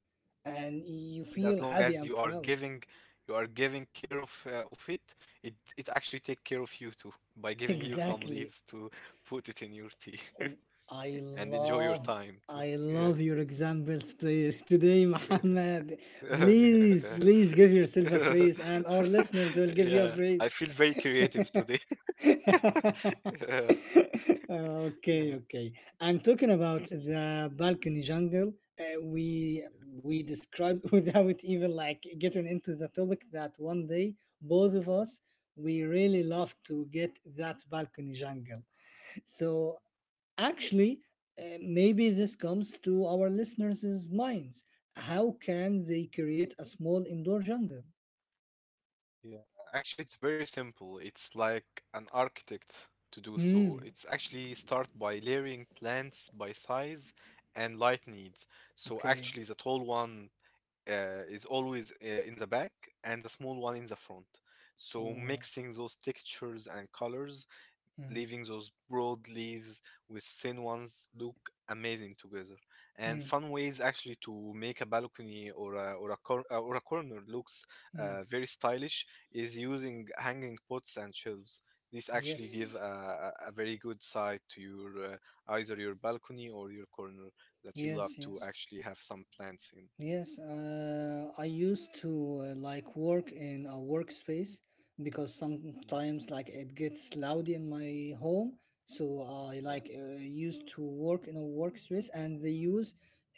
And you And as feel long happy as and you are proud. giving, you are giving care of it, it, it actually take care of you too by giving you some Exactly. leaves to put it in your tea Um, I and enjoy your love time too. I Yeah. love your examples today, Muhammad. Please, please give yourself a praise, and our listeners will give you a Yeah, I praise. feel very creative today. Okay, Yeah. okay. And talking about the balcony jungle, we described without even like getting into the topic that one day both of us we really love to get that balcony jungle. So actually, maybe this comes to our listeners' minds. How can they create a small indoor jungle? Yeah, actually, it's very simple. It's like an architect to do so. Hmm. It's actually start by layering plants by size and light needs. So Okay. actually, the tall one is always in the back, and the small one in the front. So Oh. mixing those textures and colors, Hmm. leaving those broad leaves with thin ones, look amazing together. And Hmm. fun ways actually to make a balcony or a corner looks Hmm. Very stylish is using hanging pots and shelves. These actually give Yes. A very good side to your either your balcony or your corner that you love Yes. to Yes. actually have some plants in. Yes, I used to like work in a workspace because Yeah, sometimes like it gets loud in my home. So I yeah, used to work in a workspace and they use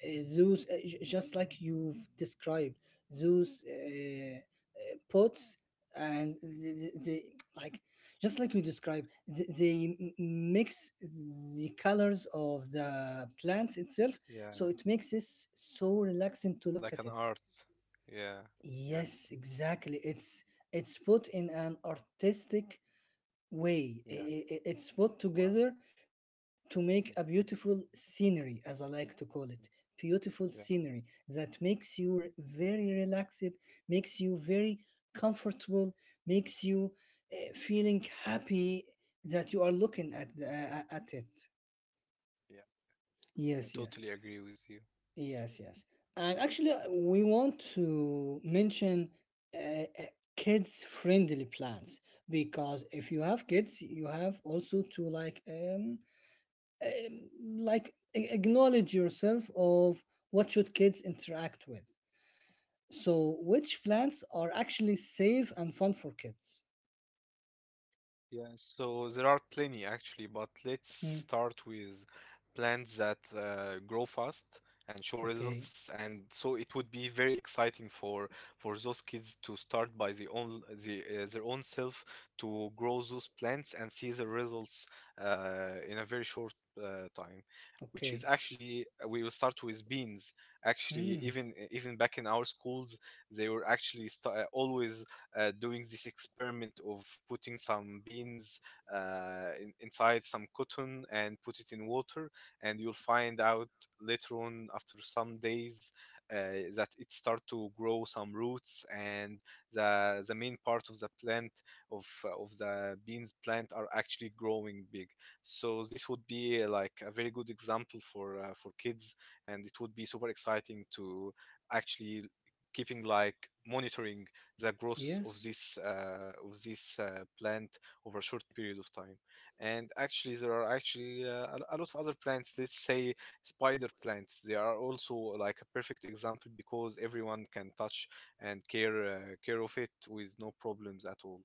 just like you've described those pots and the like just like you described th- they m- mix the colors of the plants itself, so yeah, it makes it so relaxing to look like at an it. art. Yeah, yeah, Yes, exactly, it's put in an artistic way. Yeah. It's put together Wow. to make a beautiful scenery, as I like to call it. Beautiful scenery Yeah, that makes you very relaxed, makes you very comfortable, makes you feeling happy that you are yeah, looking at the, at it. yeah. Yeah, Yes, yes. totally agree with you. Yes, yes. And actually, we want to mention uh, kids friendly plans, because if you have kids, you have also to um like acknowledge yourself of what should kids interact with. So, which plants are actually safe and fun for kids? Yeah, so there are plenty actually, but let's Hmm. start with plants that grow fast and show Okay. results. And so it would be very exciting for those kids to start by the own their own self to grow those plants and see the results in a very short time. Which is Okay. actually, we will start with beans. Actually, Hmm. Even back in our schools, they were actually always doing this experiment of putting some beans inside some cotton and put it in water, and you'll find out later on after some days that it start to grow some roots and the main part of the plant, of the beans plant, are actually growing big. So this would be like a very good example for kids, and it would be super exciting to actually keeping like monitoring the growth of Yes. This plant over a short period of time. And actually, there are actually a lot of other plants. Let's say spider plants. They are also like a perfect example, because everyone can touch and care of it with no problems at all.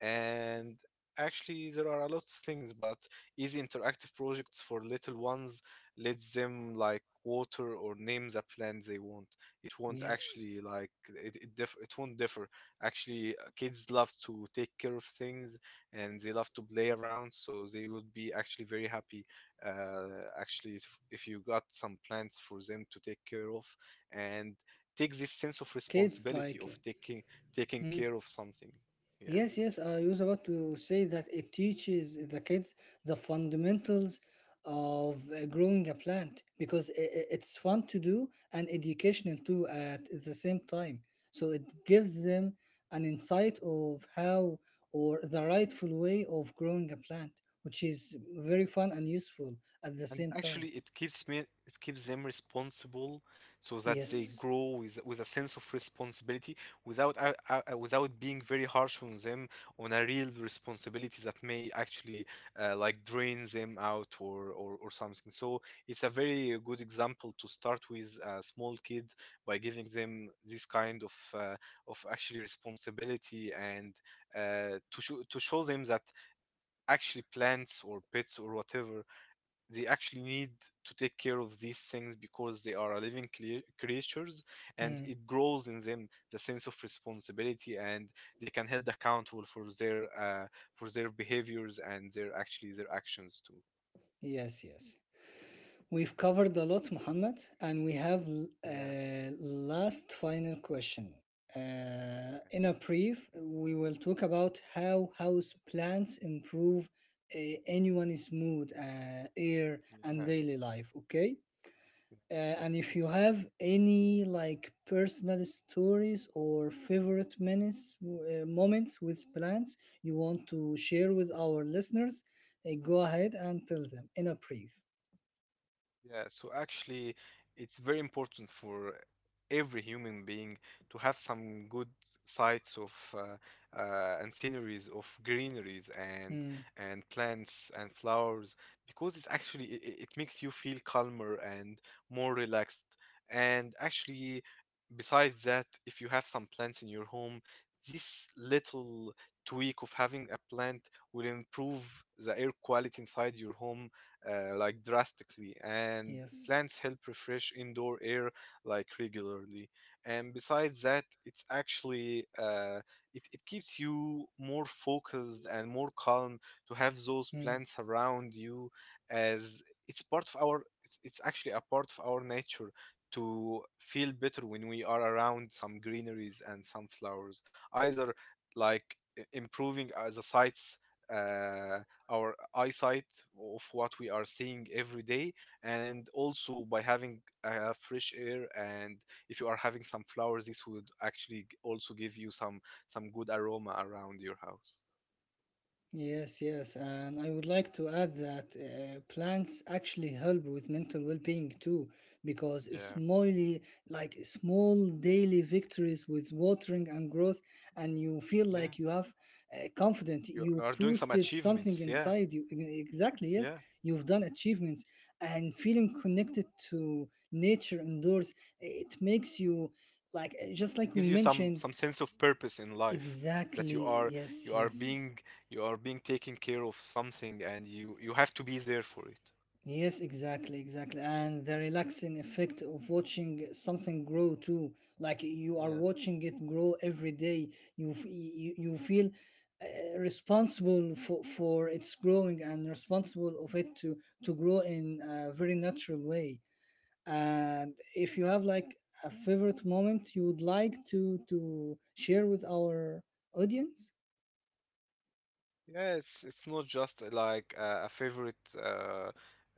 And actually, there are a lot of things, but easy interactive projects for little ones lets them like water or name the plant they want. It won't Yes. actually like it. It won't differ. Actually kids love to take care of things, and they love to play around, so they would be actually very happy, uh, actually if you got some plants for them to take care of Yes. and Yes. take And this it sense of teaches the kids responsibility of like. Taking Hmm. care of something. Yeah. Yes, yes, I was about to say that it teaches the kids the fundamentals of growing a plant because it's fun to do and educational too at the same time. So it gives them an insight of how or the rightful way of growing a plant, which is very fun and useful at the And it same actually, time. It keeps them responsible, so that they Yes. grow with a sense of responsibility without without being very harsh on them on a real responsibility that may actually like drain them out, or something. So it's a very good example to start with a small kid by giving them this kind of actually responsibility, and to show them that actually plants or pets or whatever, they actually need to take care of these things because they are a living creatures, and Mm. it grows in them the sense of responsibility, and they can held accountable for their behaviors and their actually their actions too. Yes, yes. We've covered a lot, Mohammed, and we have Yeah, last final question. In a brief, we will talk about how house plants improve uh, anyone's mood, air, and yeah, daily life. Okay, yeah, yeah, and if you totally. have any like personal stories or favorite moments with plants you want to share with our listeners, go ahead and tell them in a brief. Yeah, so actually, it's very important for every human being to have some good sights of uh, and sceneries of greeneries and Hmm, plants and flowers, because it actually, it, it makes you feel calmer and more relaxed. And actually, besides that, if you have some plants in your home, this little tweak of having a plant will improve the air quality inside your home, like drastically, and yes. plants help refresh indoor air like regularly. And besides that, it's actually, it keeps you more focused and more calm to have Mm. those plants around you, as it's actually a part of our nature to feel better when we are around some greeneries and some flowers, either like improving the sights, uh, our eyesight of what we are seeing every day, and also by having fresh air. And if you are having some flowers, this would actually also give you some good aroma around your house. Yes, yes, and I would like to add that plants actually help with mental well-being too, because Yeah, small, like small daily victories with watering and growth, and you feel like yeah, you have confident, you you are doing some boosted something achievements, yeah, inside you. Exactly, yes, yeah. you've done achievements, and feeling connected to nature indoors, it makes you like just It like we gives you mentioned. some sense of purpose in life, that you Exactly, are, yes, you are yes. being you are being taken care of something, and you have to be there for it. Yes, exactly, exactly. And the relaxing effect of watching something grow too. Like you are watching it grow every day. You, you feel responsible for its growing and responsible of it to grow in a very natural way. And if you have like a favorite moment you would like to share with our audience? Yeah, it's not just a favorite uh,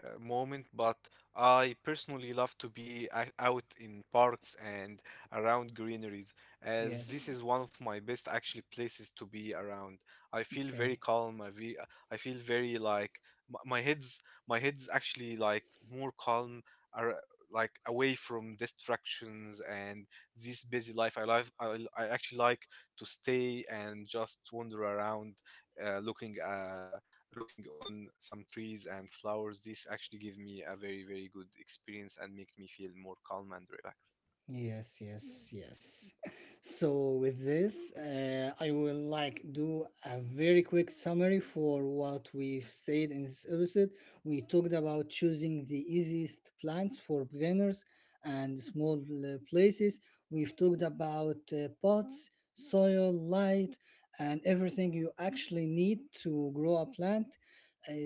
moment, but I personally love to be out in parks and around greeneries, as this is Yes. one of my best actually places to be around. I feel very Okay. calm. I feel very like my, my head's my head's actually like more calm. Are like away from distractions and this busy life. I actually like to stay and just wander around uh, looking uh, looking on some trees and flowers. This actually give me a very very good experience and make me feel more calm and relaxed. Yes, yes, yes. So with this, I will like do a very quick summary for what we've said in this episode. We talked about choosing the easiest plants for beginners and small places. We've talked about pots, soil, light, and everything you actually need to grow a plant,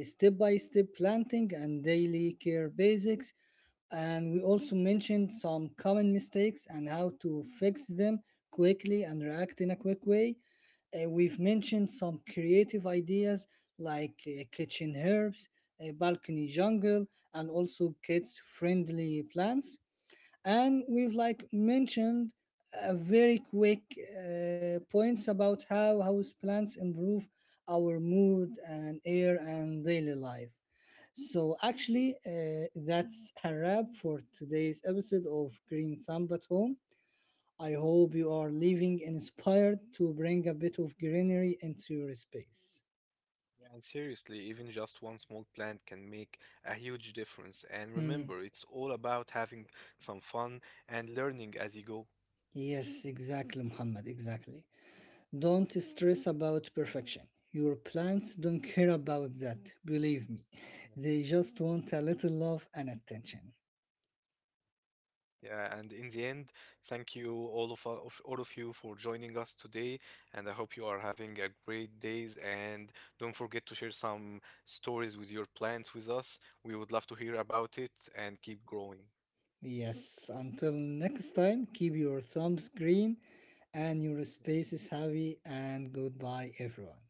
step by step planting, and daily care basics. And we also mentioned some common mistakes and how to fix them quickly and react in a quick way. We've mentioned some creative ideas like kitchen herbs, a balcony jungle, and also kids friendly plants, and we've like mentioned a very quick points about how house plants improve our mood and air and daily life. So actually, that's a wrap for today's episode of Green Thumb at Home. I hope you are leaving inspired to bring a bit of greenery into your space. Yeah, and seriously, even just one small plant can make a huge difference. And remember, Hmm. it's all about having some fun and learning as you go. Yes, exactly, Muhammad, exactly. Don't stress about perfection. Your plants don't care about that, believe me. They just want a little love and attention. Yeah, and in the end, thank you all of you for joining us today, and I hope you are having a great days. And don't forget to share some stories with your plants with us. We would love to hear about it and keep growing. Yes, until next time, keep your thumbs green and your Yeah. spaces happy, and goodbye, everyone.